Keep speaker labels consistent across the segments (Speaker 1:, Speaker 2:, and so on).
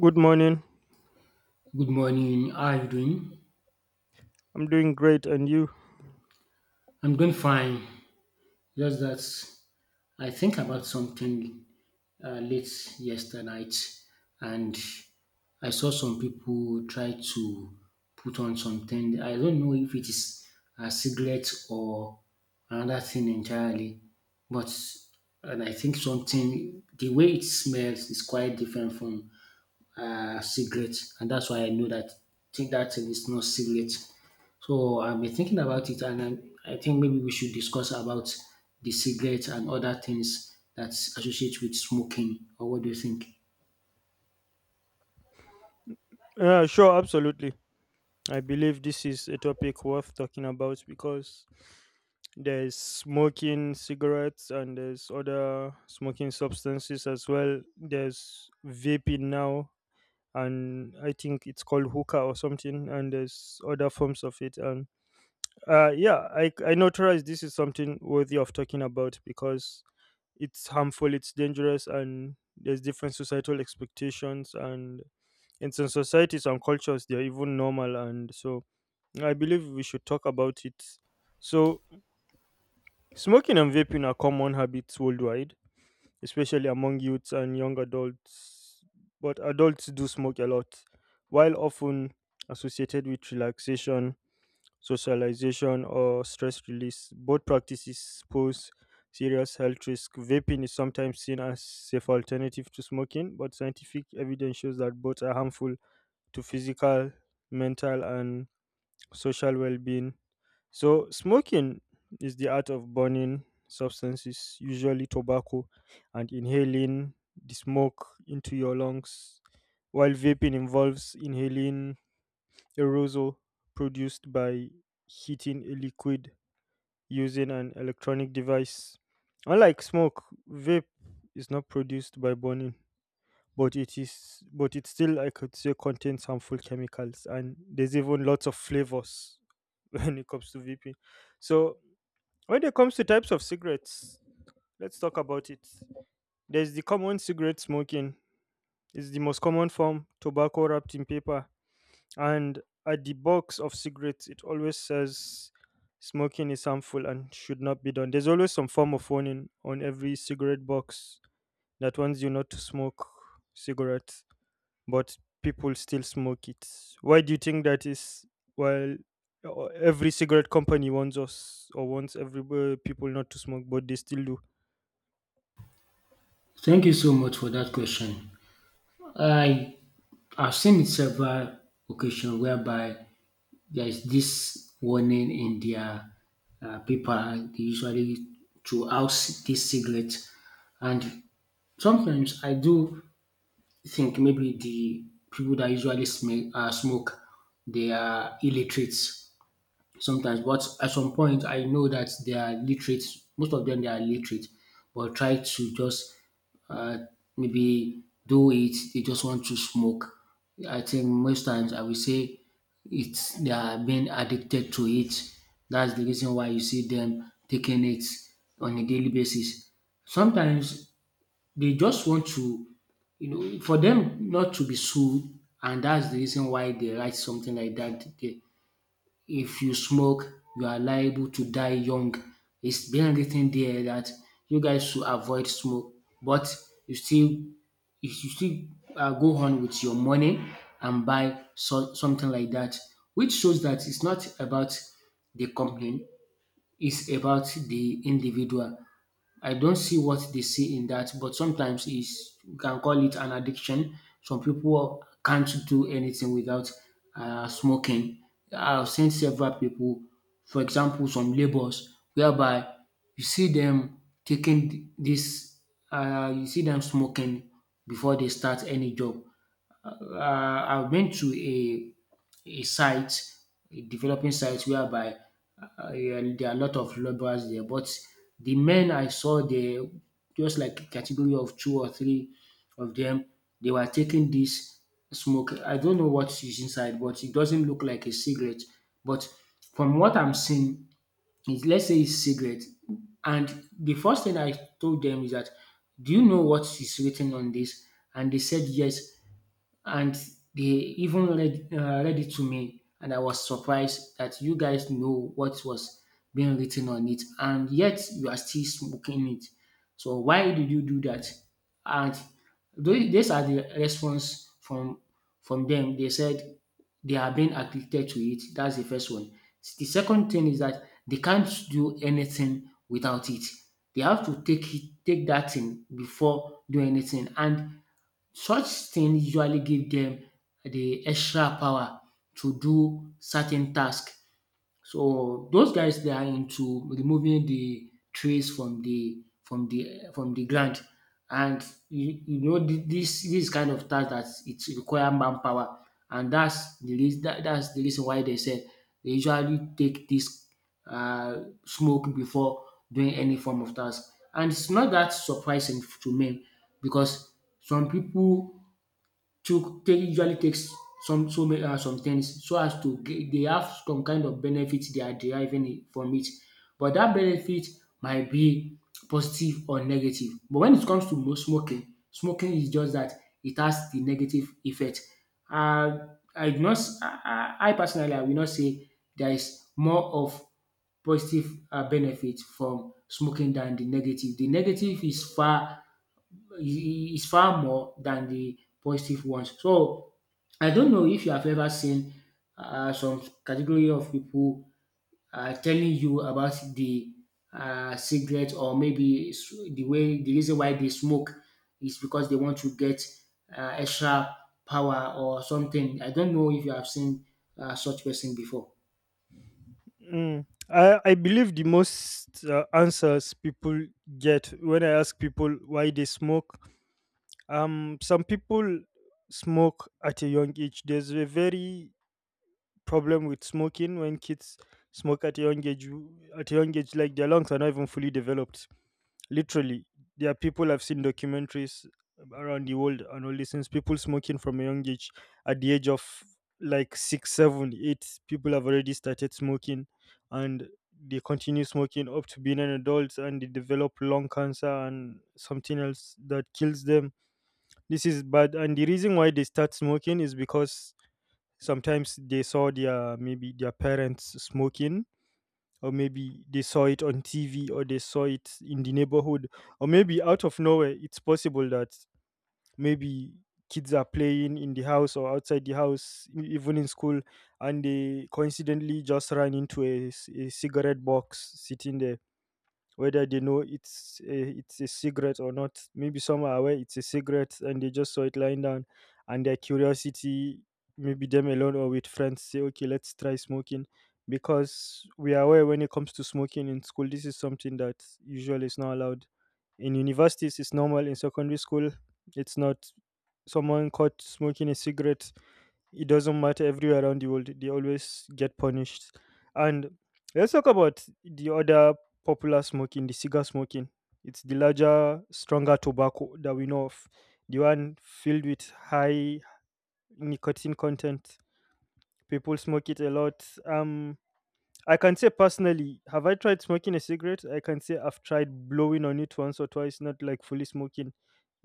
Speaker 1: Good morning.
Speaker 2: Good morning. How are you doing?
Speaker 1: I'm doing great, and you?
Speaker 2: I'm doing fine. Just that I think about something late yesterday night, and I saw some people try to put on something. I don't know if it is a cigarette or another thing entirely, but and I think something the way it smells is quite different from cigarette, and that's why I know that think that thing is not cigarette. So I've been thinking about it, and I think maybe we should discuss about the cigarette and other things that associate with smoking. Or what do you think?
Speaker 1: Yeah, sure, absolutely. I believe this is a topic worth talking about because there's smoking cigarettes and there's other smoking substances as well. There's vaping now, and I think it's called hookah or something, and there's other forms of it. And I notarized this is something worthy of talking about because it's harmful, it's dangerous, and there's different societal expectations, and in some societies and cultures they're even normal. And so I believe we should talk about it. So smoking and vaping are common habits worldwide, especially among youths and young adults, but adults do smoke a lot, while often associated with relaxation, socialization, or stress release. Both practices pose serious health risks. Vaping is sometimes seen as safe alternative to smoking, but scientific evidence shows that both are harmful to physical, mental, and social well-being. So, smoking is the art of burning substances, usually tobacco, and inhaling the smoke into your lungs, while vaping involves inhaling aerosol produced by heating a liquid using an electronic device. Unlike smoke, vape is not produced by burning, but it is but it still, I could say, contains harmful chemicals, and there's even lots of flavors when it comes to vaping. So when it comes to types of cigarettes, let's talk about it. There's the common cigarette smoking. It's the most common form, tobacco wrapped in paper. And at the box of cigarettes, it always says smoking is harmful and should not be done. There's always some form of warning on every cigarette box that warns you not to smoke cigarettes, but people still smoke it. Why do you think that is? Well, every cigarette company warns us or wants every people not to smoke, but they still do.
Speaker 2: Thank you so much for that question. I have seen it several occasions whereby there is this warning in their paper, they usually throw out this cigarette, and sometimes I do I think maybe the people that usually smoke, they are illiterates sometimes. But at some point, I know that they are literate. Most of them, they are literate, but try to just uh, maybe do it. They just want to smoke. I think most times I will say it's they are being addicted to it. That's the reason why you see them taking it on a daily basis. Sometimes they just want to, you know, for them not to be sued, and that's the reason why they write something like that. They, if you smoke, you are liable to die young. It's been written there that you guys should avoid smoke, but you still, you should still go on with your money and buy so, something like that, which shows that it's not about the company, it's about the individual. I don't see what they see in that, but sometimes it's you can call it an addiction. Some people can't do anything without smoking. I've seen several people, for example some labours whereby you see them taking this. You see them smoking before they start any job. I went to a site, a developing site whereby yeah, there are a lot of laborers there, but the men I saw there, just like a category of two or three of them, they were taking this smoke. I don't know what is inside, but it doesn't look like a cigarette. But from what I'm seeing, it, let's say it's cigarette. And the first thing I told them is that, do you know what is written on this? And they said yes, and they even read read it to me, and I was surprised that you guys know what was being written on it and yet you are still smoking it. So why did you do that? And these are the response from them. They said they are being addicted to it. That's the first one. The second thing is that they can't do anything without it. They have to take that thing before doing anything, and such things usually give them the extra power to do certain tasks. So those guys, they are into removing the trees from the from the ground, and you know this kind of task that it require manpower, and that's the reason why they said they usually take this uh, smoke before doing any form of task, and it's not that surprising to me because some people took take usually takes some so many some things so as to get, they have some kind of benefit they are deriving from it. But that benefit might be positive or negative, but when it comes to smoking is just that it has the negative effect. Uh, I do not I personally I will not say there is more of positive benefit from smoking than the negative. The negative is far more than the positive ones. So I don't know if you have ever seen some category of people telling you about the cigarette or maybe the way the reason why they smoke is because they want to get extra power or something. I don't know if you have seen such person before.
Speaker 1: Mm. I believe the most answers people get when I ask people why they smoke. Some people smoke at a young age. There's a very problem with smoking when kids smoke at a young age. At a young age, like, their lungs are not even fully developed. Literally, there are people, I've seen documentaries around the world and all these things. People smoking from a young age, at the age of like 6, 7, 8, people have already started smoking, and they continue smoking up to being an adult, and they develop lung cancer and something else that kills them. This is bad, and the reason why they start smoking is because sometimes they saw their maybe their parents smoking, or maybe they saw it on TV, or they saw it in the neighborhood, or maybe out of nowhere. It's possible that maybe kids are playing in the house or outside the house, even in school, and they coincidentally just ran into a cigarette box sitting there, whether they know it's a cigarette or not. Maybe some are aware it's a cigarette and they just saw it lying down, and their curiosity, maybe them alone or with friends, say, okay, let's try smoking. Because we are aware, when it comes to smoking in school, this is something that usually is not allowed. In universities, it's normal. In secondary school, it's not. Someone caught smoking a cigarette, it doesn't matter, everywhere around the world they always get punished. And let's talk about the other popular smoking, the cigar smoking. It's the larger, stronger tobacco that we know of, the one filled with high nicotine content. People smoke it a lot. I can say personally, have I tried smoking a cigarette? I can say I've tried blowing on it once or twice, not like fully smoking,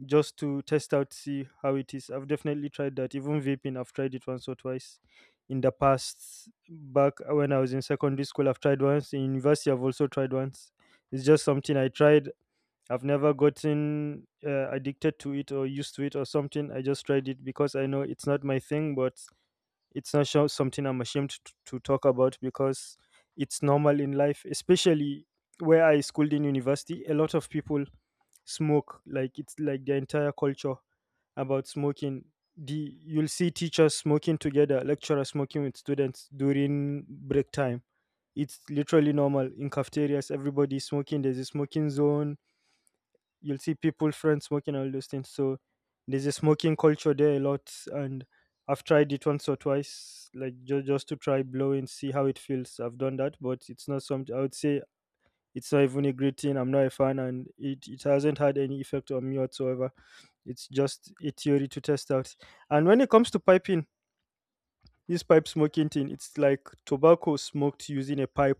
Speaker 1: just to test out, see how it is. I've definitely tried that. Even vaping, I've tried it once or twice in the past. Back when I was in secondary school, I've tried once. In university, I've also tried once. It's just something I tried. I've never gotten addicted to it or used to it or something. I just tried it because I know it's not my thing, but it's not something I'm ashamed to talk about because it's normal in life, especially where I schooled in university. A lot of people smoke, like, it's like the entire culture about smoking. The You'll see teachers smoking together, lecturers smoking with students during break time. It's literally normal in cafeterias. Everybody's smoking. There's a smoking zone, you'll see people, friends, smoking and all those things. So there's a smoking culture there a lot. And I've tried it once or twice, like, just to try blow and see how it feels. I've done that, but it's not something I would say, it's not even a great thing. I'm not a fan, and it hasn't had any effect on me whatsoever. It's just a theory to test out. And when it comes to piping, this pipe smoking thing, it's like tobacco smoked using a pipe.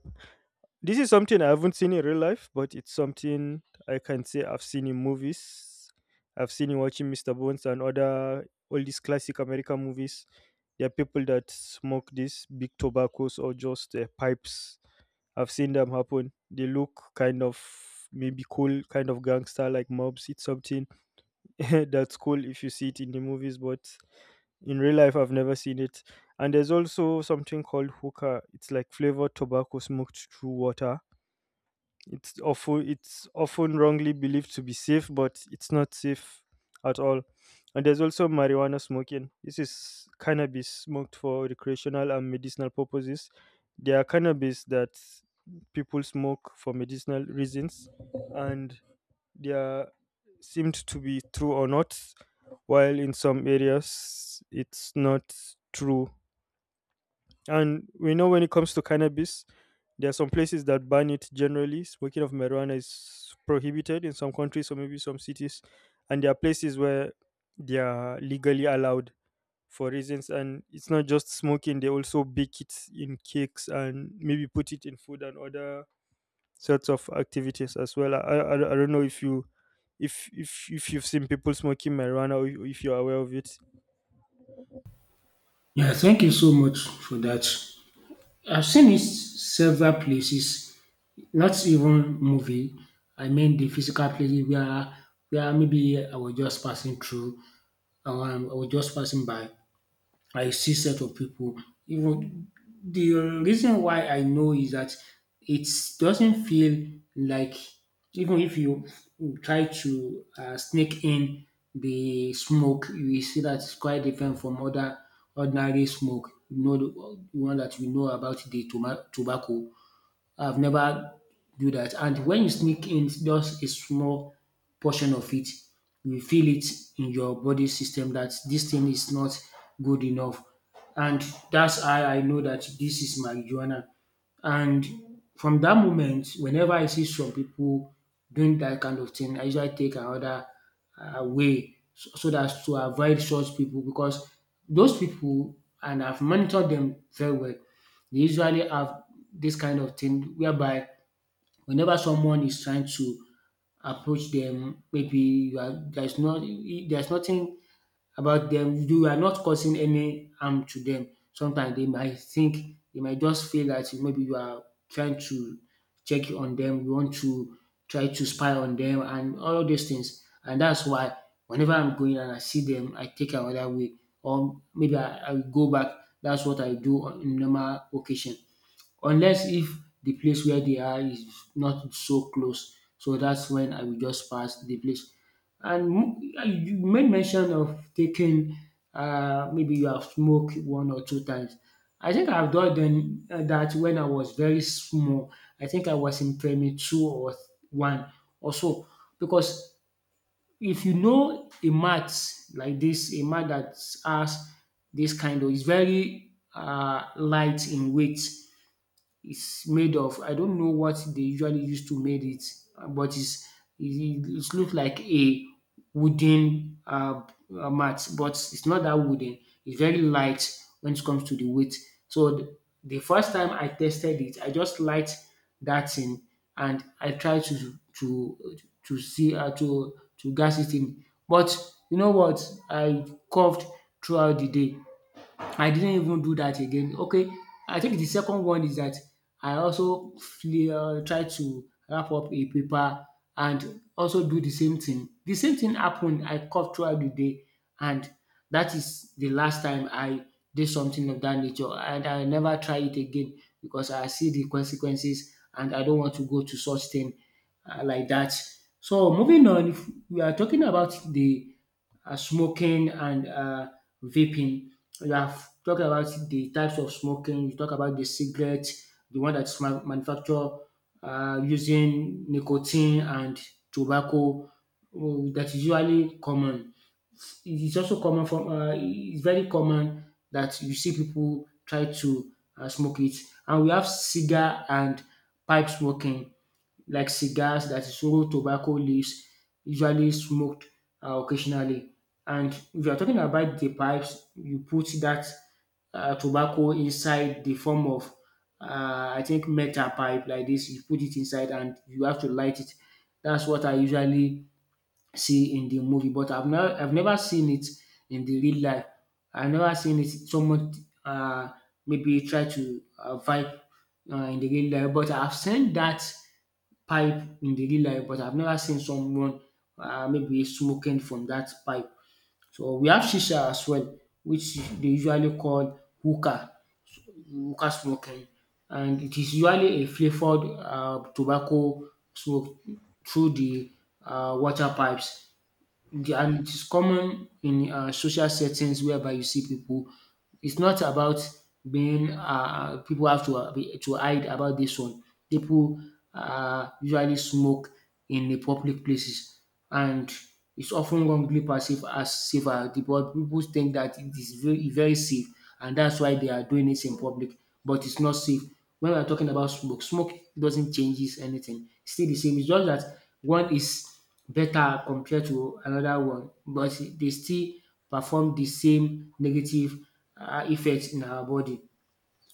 Speaker 1: This is something I haven't seen in real life, but it's something I can say I've seen in movies. I've seen in watching Mr. Bones and other all these classic American movies. There are people that smoke these big tobaccos or just pipes. I've seen them happen. They look kind of maybe cool, kind of gangster like mobs. It's something that's cool if you see it in the movies, but in real life, I've never seen it. And there's also something called hookah. It's like flavored tobacco smoked through water. It's often wrongly believed to be safe, but it's not safe at all. And there's also marijuana smoking. This is cannabis smoked for recreational and medicinal purposes. There are cannabis that people smoke for medicinal reasons, and they are seemed to be true or not, while in some areas it's not true. And we know, when it comes to cannabis, there are some places that ban it generally. Smoking of marijuana is prohibited in some countries or maybe some cities. And there are places where they are legally allowed for reasons. And it's not just smoking, they also bake it in cakes and maybe put it in food and other sorts of activities as well. I don't know if you. If you've seen people smoking marijuana or if you're aware of it.
Speaker 2: Yeah, thank you so much for that. I've seen it several places. Not even movie, I mean the physical places where maybe I was just passing through or I was just passing by, I see set of people. Even the reason why I know is that it doesn't feel like even if you try to sneak in the smoke, you will see that it's quite different from other ordinary smoke. You know the one that we know about the tobacco. I've never do that. And when you sneak in just a small portion of it, you feel it in your body system that this thing is not good enough. And that's how I know that this is marijuana. And from that moment, whenever I see some people doing that kind of thing, I usually take another way so that to avoid such people because those people, and I've monitored them very well, they usually have this kind of thing whereby whenever someone is trying to approach them, maybe you are there's nothing about them. You are not causing any harm to them. Sometimes they might just feel that maybe you are trying to check on them, you want to try to spy on them and all of these things. And that's why whenever I'm going and I see them, I take another way. Or maybe I will go back. That's what I do on in normal occasion unless if the place where they are is not so close. So that's when I will just pass the place. And you made mention of taking maybe you have smoked one or two times. I think I've done then that when I was very small. I think I was in primary two one or so because if you know a mat like this, a mat that has this kind of is very light in weight. It's made of I don't know what they usually use to made it, but it it look like a wooden mat, but it's not that wooden. It's very light when it comes to the weight. So the first time I tested it, I just light that thing and I tried to see to gas it in. But you know what? I coughed throughout the day. I didn't even do that again. Okay, I think the second one is that I also try to wrap up a paper and also do the same thing. The same thing happened. I coughed throughout the day, and that is the last time I did something of that nature. And I never try it again because I see the consequences, and I don't want to go to such thing like that. So moving on, if we are talking about the smoking and vaping. You have talked about the types of smoking. You talk about the cigarette, the one that's manufactured using nicotine and tobacco that is usually common. It's also common from. It's very common that you see people try to smoke it, and we have cigar and pipe smoking, like cigars that is raw tobacco leaves usually smoked occasionally. And if you're talking about the pipes, you put that tobacco inside the form of, I think, metal pipe like this. You put it inside and you have to light it. That's what I usually see in the movie, but I've never seen it in the real life. I've never seen it someone uh, maybe try to vibe in the real life, but I've seen that pipe in the real life, but I've never seen someone maybe smoking from that pipe. So we have shisha as well, which they usually call hookah, so hookah smoking, and it is usually a flavoured tobacco smoke through the water pipes. And it is common in social settings whereby you see people. It's not about being people have to to hide about this one. People usually smoke in the public places, and it's often wrongly perceived as safer. The people think that it is very, very safe, and that's why they are doing it in public, but it's not safe. When we are talking about smoke, smoke doesn't changes anything. It's still the same. It's just that one is better compared to another one, but they still perform the same negative effect in our body.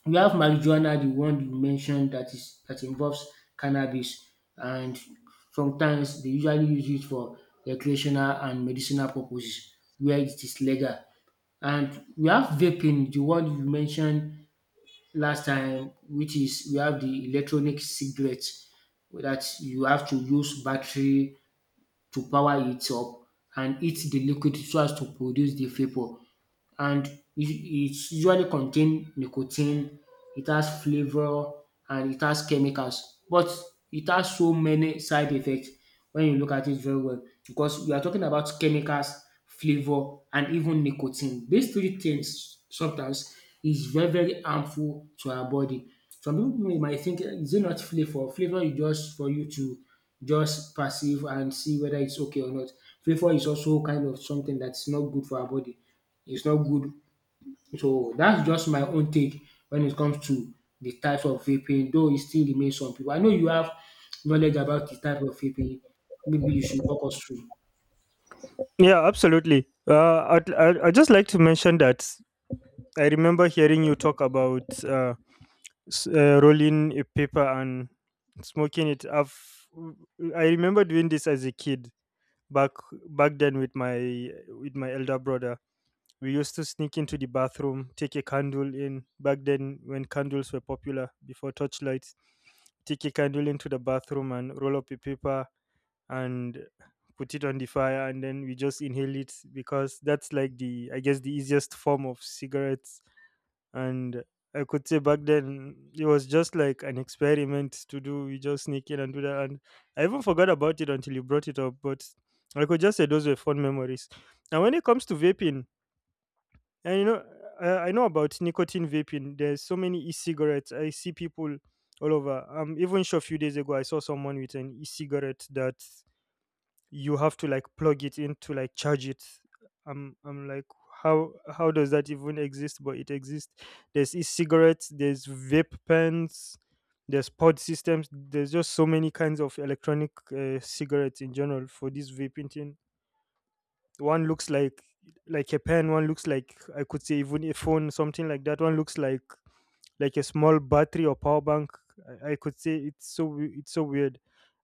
Speaker 2: We have marijuana, the one you mentioned that involves cannabis and sometimes they usually use it for recreational and medicinal purposes where it is legal. And we have vaping, the one you mentioned last time, which is we have the electronic cigarette that you have to use battery to power it up and heat the liquid so as to produce the vapour, and it's usually contain nicotine, it has flavour and it has chemicals, but it has so many side effects when you look at it very well, because we are talking about chemicals, flavour and even nicotine. These three things sometimes is very, very harmful to our body. Some pipu might think, "Eh, is it not flavour? Flavour is just for you to just perceive and see whether it's okay or not. Flavour is also kind of something that's not good for our body, it's not good." So that's just my own take when it comes to the types of vaping, though it still remains some people. I know you have knowledge about the type of vaping. Maybe you should walk us through.
Speaker 1: Yeah, absolutely. I'd just like to mention that I remember hearing you talk about rolling a paper and smoking it. I remember doing this as a kid back back then with my elder brother. We used to sneak into the bathroom, take a candle, in back then when candles were popular before torchlight, stick a candle into the bathroom and roll up a paper and put it on the fire, and then we just inhale it, because that's like, the, I guess, the easiest form of cigarettes. And I could say back then it was just like an experiment to do. We just sneak in and do that, and I even forgot about it until you brought it up. But I could just say those were fun memories. And when it comes to vaping, and, you know, I know about nicotine vaping. There's so many e-cigarettes. I see people all over. Even sure, a few days ago, I saw someone with an e-cigarette that you have to like plug it in to like charge it. I'm like, how does that even exist? But it exists. There's e-cigarettes. There's vape pens. There's pod systems. There's just so many kinds of electronic cigarettes in general for this vaping thing. One looks like a pen. One looks like, I could say, even a phone, something like that. One looks like a small battery or power bank. I could say it's so weird.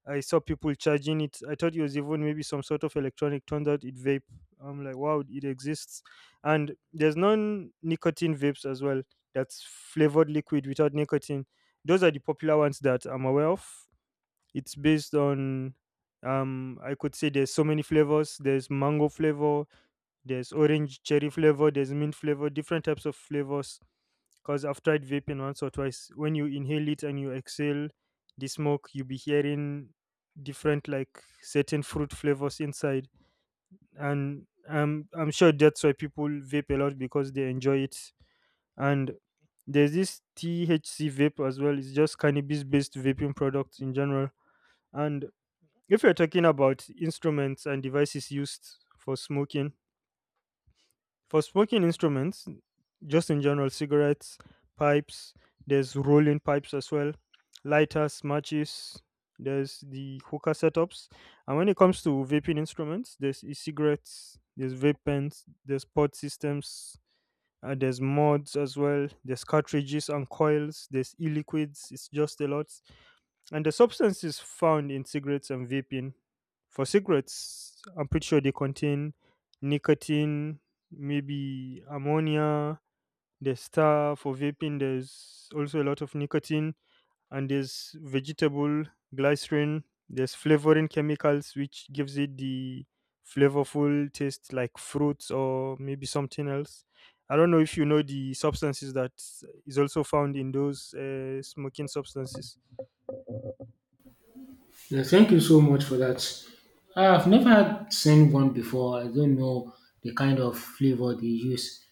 Speaker 1: I saw people charging it, I thought it was even maybe some sort of electronic, turned out it vape. I'm like, wow, it exists. And there's non nicotine vapes as well, that's flavored liquid without nicotine. Those are the popular ones that I'm aware of. It's based on, I could say there's so many flavors. There's mango flavor, there's orange cherry flavor, there's mint flavor, different types of flavors. Because I've tried vaping once or twice. When you inhale it and you exhale the smoke, you'll be hearing different, like, certain fruit flavors inside. And I'm sure that's why people vape a lot because they enjoy it. And there's this THC vape as well. It's just cannabis based vaping products in general. And if you're talking about instruments and devices used for smoking, for smoking instruments, just in general, cigarettes, pipes, there's rolling pipes as well, lighters, matches, there's the hookah setups. And when it comes to vaping instruments, there's e cigarettes, there's vape pens, there's pod systems, there's mods as well, there's cartridges and coils, there's e liquids. It's just a lot. And the substance is found in cigarettes and vaping. For cigarettes, I'm pretty sure they contain nicotine, maybe ammonia. There's tar. For vaping, there's also a lot of nicotine, and there's vegetable glycerin. There's flavoring chemicals, which gives it the flavorful taste, like fruits or maybe something else. I don't know if you know the substances that is also found in those smoking substances.
Speaker 2: Yeah, thank you so much for that. I've never seen one before. I don't know the kind of flavor they use,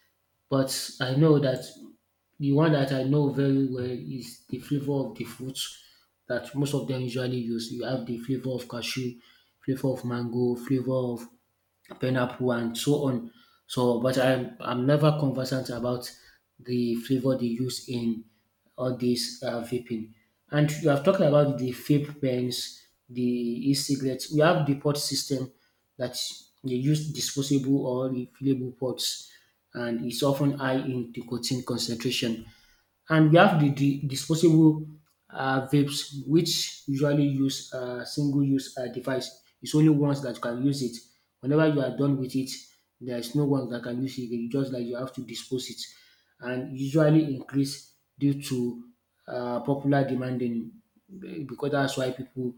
Speaker 2: but I know that the one that I know very well is the flavor of the fruits that most of them usually use. You have the flavor of cashew, flavor of mango, flavor of pineapple and so on. So, but I'm never conversant about the flavor they use in all these vaping. And you have talked about the vape pens, the e-cigarettes. We have the pot system that they use disposable or refillable pots, and it's often high in nicotine concentration. And we have the disposable vapes, which usually use a single-use device. It's only once that you can use it. Whenever you are done with it, there is no one that can use it again. Just like you have to dispose it, and usually increase due to popular demand in, because that's why people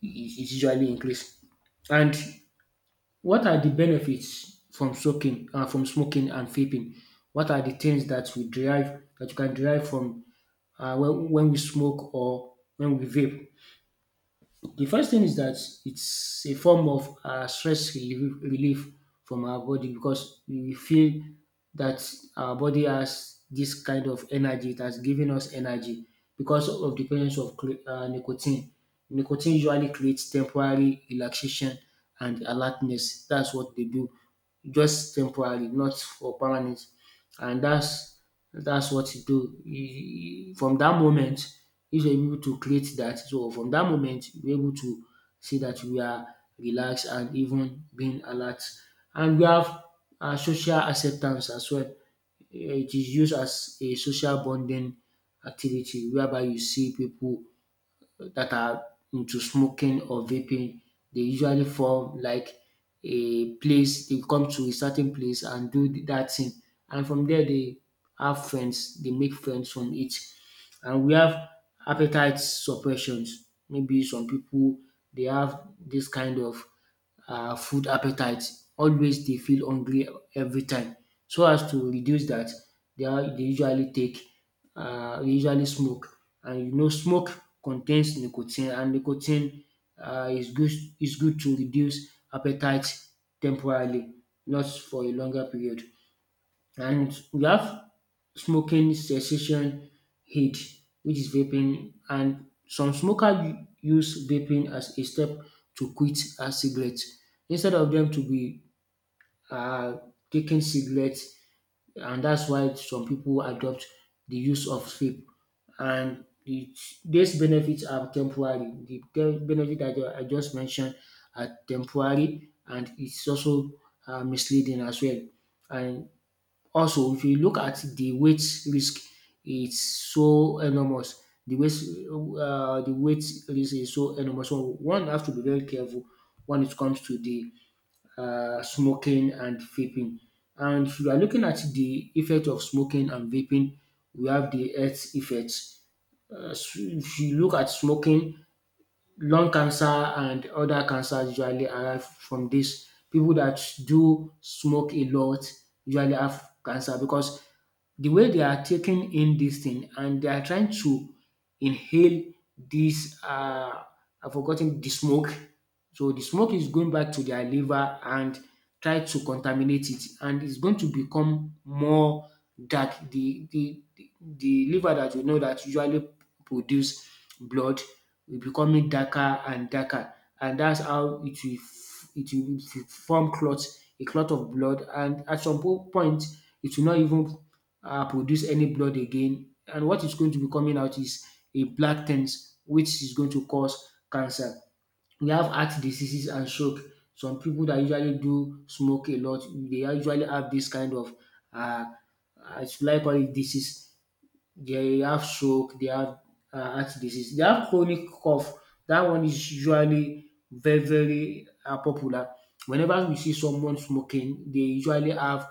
Speaker 2: it it usually increase. And what are the benefits from smoking, from smoking and vaping? What are the things that you can derive from, when we smoke or when we vape? The first thing is that it's a form of stress relief from our body, because we feel that our body has this kind of energy, it has given us energy because of the presence of nicotine. Nicotine usually creates temporary relaxation and alertness. That's what they do, just temporary, not for permanent. And that's what you do. From that moment, if you're able to create that, so from that moment, you're able to see that we are relaxed and even being alert. And we have social acceptance as well. It is used as a social bonding activity whereby you see people that are into smoking or vaping. They usually form like a place, they come to a certain place and do that thing. And from there, they have friends, they make friends from it. And we have appetite suppressions. Maybe some people, they have this kind of food appetite, always they feel hungry every time. So as to reduce that, dat they usually take, dey usually smoke, and you know smoke contains nicotine, and nicotine um is good is good to reduce appetite temporarily, not for a longer period. And we have smoking cessation aid, which is vaping, and some smokers use vaping as a step to quit a cigarette, instead of them to be uh, taking cigarettes, and that's why some people adopt the use of vape. And these benefits are temporary. The benefit that I just mentioned are temporary, and it's also misleading as well. And also, if you look at the weight risk, it's so enormous. The weight risk is so enormous. So one have to be very careful when it comes to the, smoking and vaping. And if you are looking at the effect of smoking and vaping, we have the health effects. If you look at smoking, lung cancer and other cancers usually arrive from this. People that do smoke a lot usually have cancer, because the way they are taking in this thing and they are trying to inhale this, I've forgotten, the smoke, so the smoke is going back to their liver and try to contaminate it, and it's going to become more dark. The liver that you know that usually produce blood will becoming darker and darker, and that's how it will form clots, a clot of blood, and at some point it will not even produce any blood again, and what is going to be coming out is a black things, which is going to cause cancer. We have heart diseases and stroke. Some people that usually do smoke a lot, they usually have this kind of, um should I call it, disease. They have stroke, they have heart disease, they have chronic cough. That one is usually very, very popular. Whenever we see someone smoking, they usually have,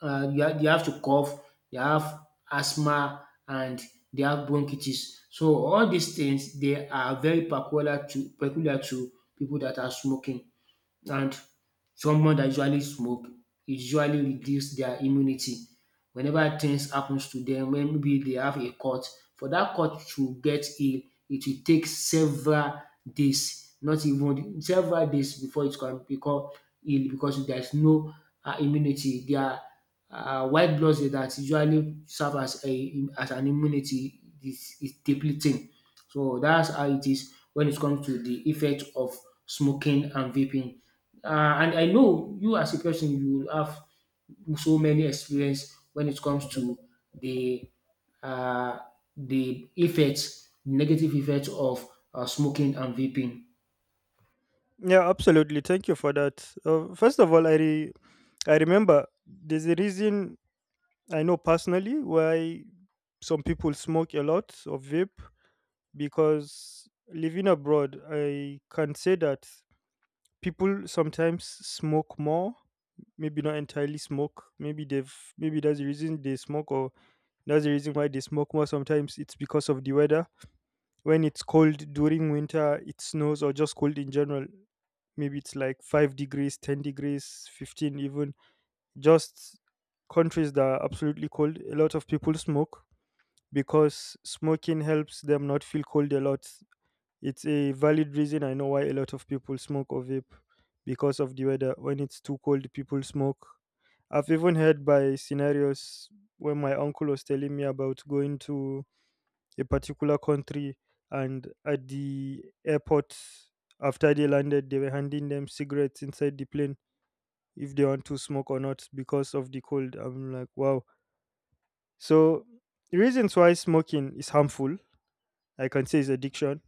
Speaker 2: they have to cough, they have asthma, and they have bronchitis. So all these things they are very peculiar to people that are smoking. And someone that usually smoke e usually reduce their immunity. Whenever things happens to dem, wen maybe dey have a cut, for dat cut to get heal, it will take several days, not even several days before it can become heal, because there is no immunity, their white blood cell dat usually serve as an immunity is depleting. So dats how it is wen it comes to de effect of smoking and vaping. And I know you as a person, you will have so many experience when it comes to the uh, the effects, negative effects of smoking and vaping.
Speaker 1: Yeah, absolutely. Thank you for that. First of all, I remember there's a reason I know personally why some people smoke a lot of vape, because living abroad, I can say that people sometimes smoke more. Maybe not entirely smoke. Maybe that's the reason they smoke, or that's the reason why they smoke more. Sometimes it's because of the weather. When it's cold during winter, it snows or just cold in general. Maybe it's like 5 degrees, 10 degrees, 15 even. Just countries that are absolutely cold, a lot of people smoke because smoking helps them not feel cold a lot. It's a valid reason I know why a lot of people smoke or vape, because of the weather. When it's too cold, people smoke. I've even heard by scenarios when my uncle was telling me about going to a particular country, and at the airport, after they landed, they were handing them cigarettes inside the plane if they want to smoke or not, because of the cold. I'm like, wow. So the reasons why smoking is harmful, I can say, is addiction.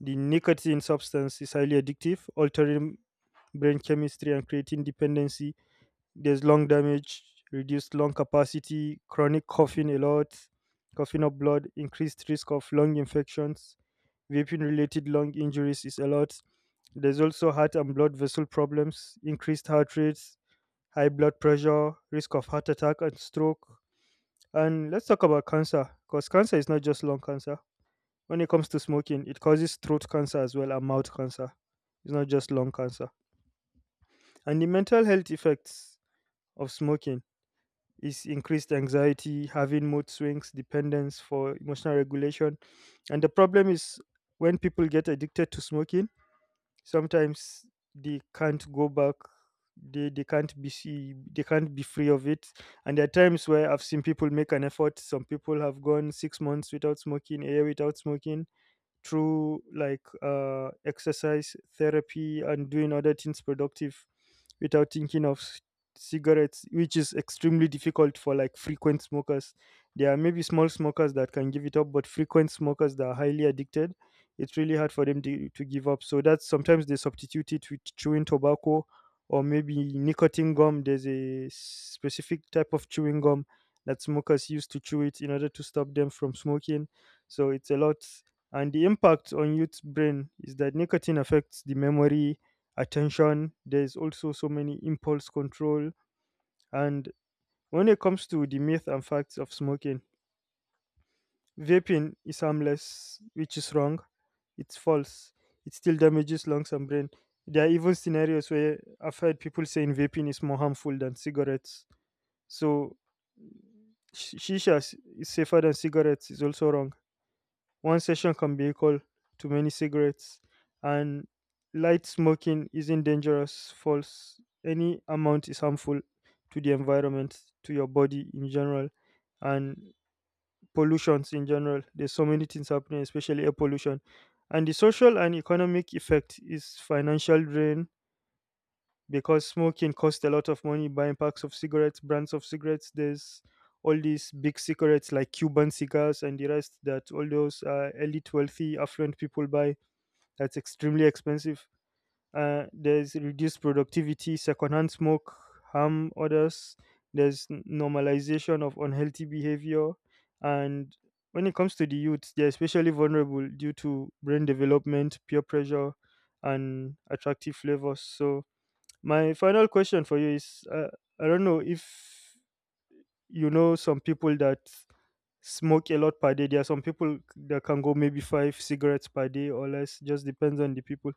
Speaker 1: The nicotine substance is highly addictive, altering brain chemistry and creating dependency. There's lung damage, reduced lung capacity, chronic coughing a lot, coughing up blood, increased risk of lung infections. Vaping related lung injuries is a lot. There's also heart and blood vessel problems, increased heart rates, high blood pressure, risk of heart attack and stroke. And let's talk about cancer, because cancer is not just lung cancer. When it comes to smoking, it causes throat cancer as well and mouth cancer. It's not just lung cancer. And the mental health effects of smoking is increased anxiety, having mood swings, dependence for emotional regulation. And the problem is, when people get addicted to smoking, sometimes they can't go back. They can't be see they can't be free of it. And there are times where I've seen people make an effort. Some people have gone 6 months without smoking, a year without smoking, through like exercise therapy and doing other things productive without thinking of cigarettes, which is extremely difficult for like frequent smokers. There are maybe small smokers that can give it up, but frequent smokers that are highly addicted, it's really hard for them to give up. So that's sometimes they substitute it with chewing tobacco or maybe nicotine gum. There's a specific type of chewing gum that smokers use to chew it in order to stop them from smoking. So it's a lot. And the impact on youth's brain is that nicotine affects the memory, attention. There's also so many impulse control. And when it comes to the myth and facts of smoking, vaping is harmless, which is wrong. It's false. It still damages lungs and brain. There are even scenarios where I've heard people saying vaping is more harmful than cigarettes. So, shisha is safer than cigarettes is also wrong. One session can be equal to many cigarettes. And light smoking isn't dangerous, false. Any amount is harmful to the environment, to your body in general, and pollutions in general. There's so many things happening, especially air pollution. And the social and economic effect is financial drain, because smoking costs a lot of money, buying packs of cigarettes, brands of cigarettes. There's all these big cigarettes like Cuban cigars and the rest that all those elite, wealthy, affluent people buy. That's extremely expensive. There's reduced productivity, secondhand smoke, harm others. There's normalization of unhealthy behavior. And when it comes to the youth, they're especially vulnerable due to brain development, peer pressure, and attractive flavors. So, my final question for you is I don't know if you know some people that smoke a lot per day. There are some people that can go maybe five cigarettes per day or less, just depends on the people.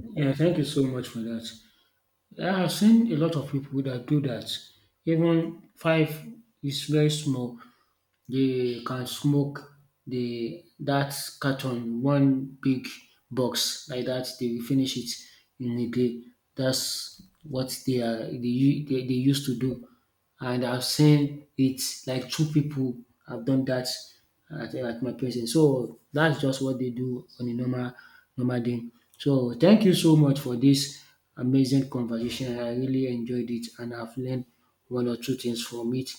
Speaker 2: Yeah, thank you so much for that. I have seen a lot of people that do that. Even five is very small. They can smoke the that carton, one big box like that. They will finish it in a day. That's what they are they, u- they used to do. And I've seen it like two people have done that at my place. And so that's just what they do on a normal day. So thank you so much for this amazing conversation. I really enjoyed it and I've learned one or two things from it,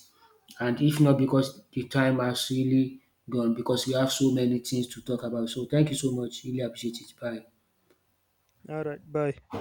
Speaker 2: and if not because the time has really gone, because we have so many things to talk about. So thank you so much. Really appreciate it. Bye.
Speaker 1: All right, bye.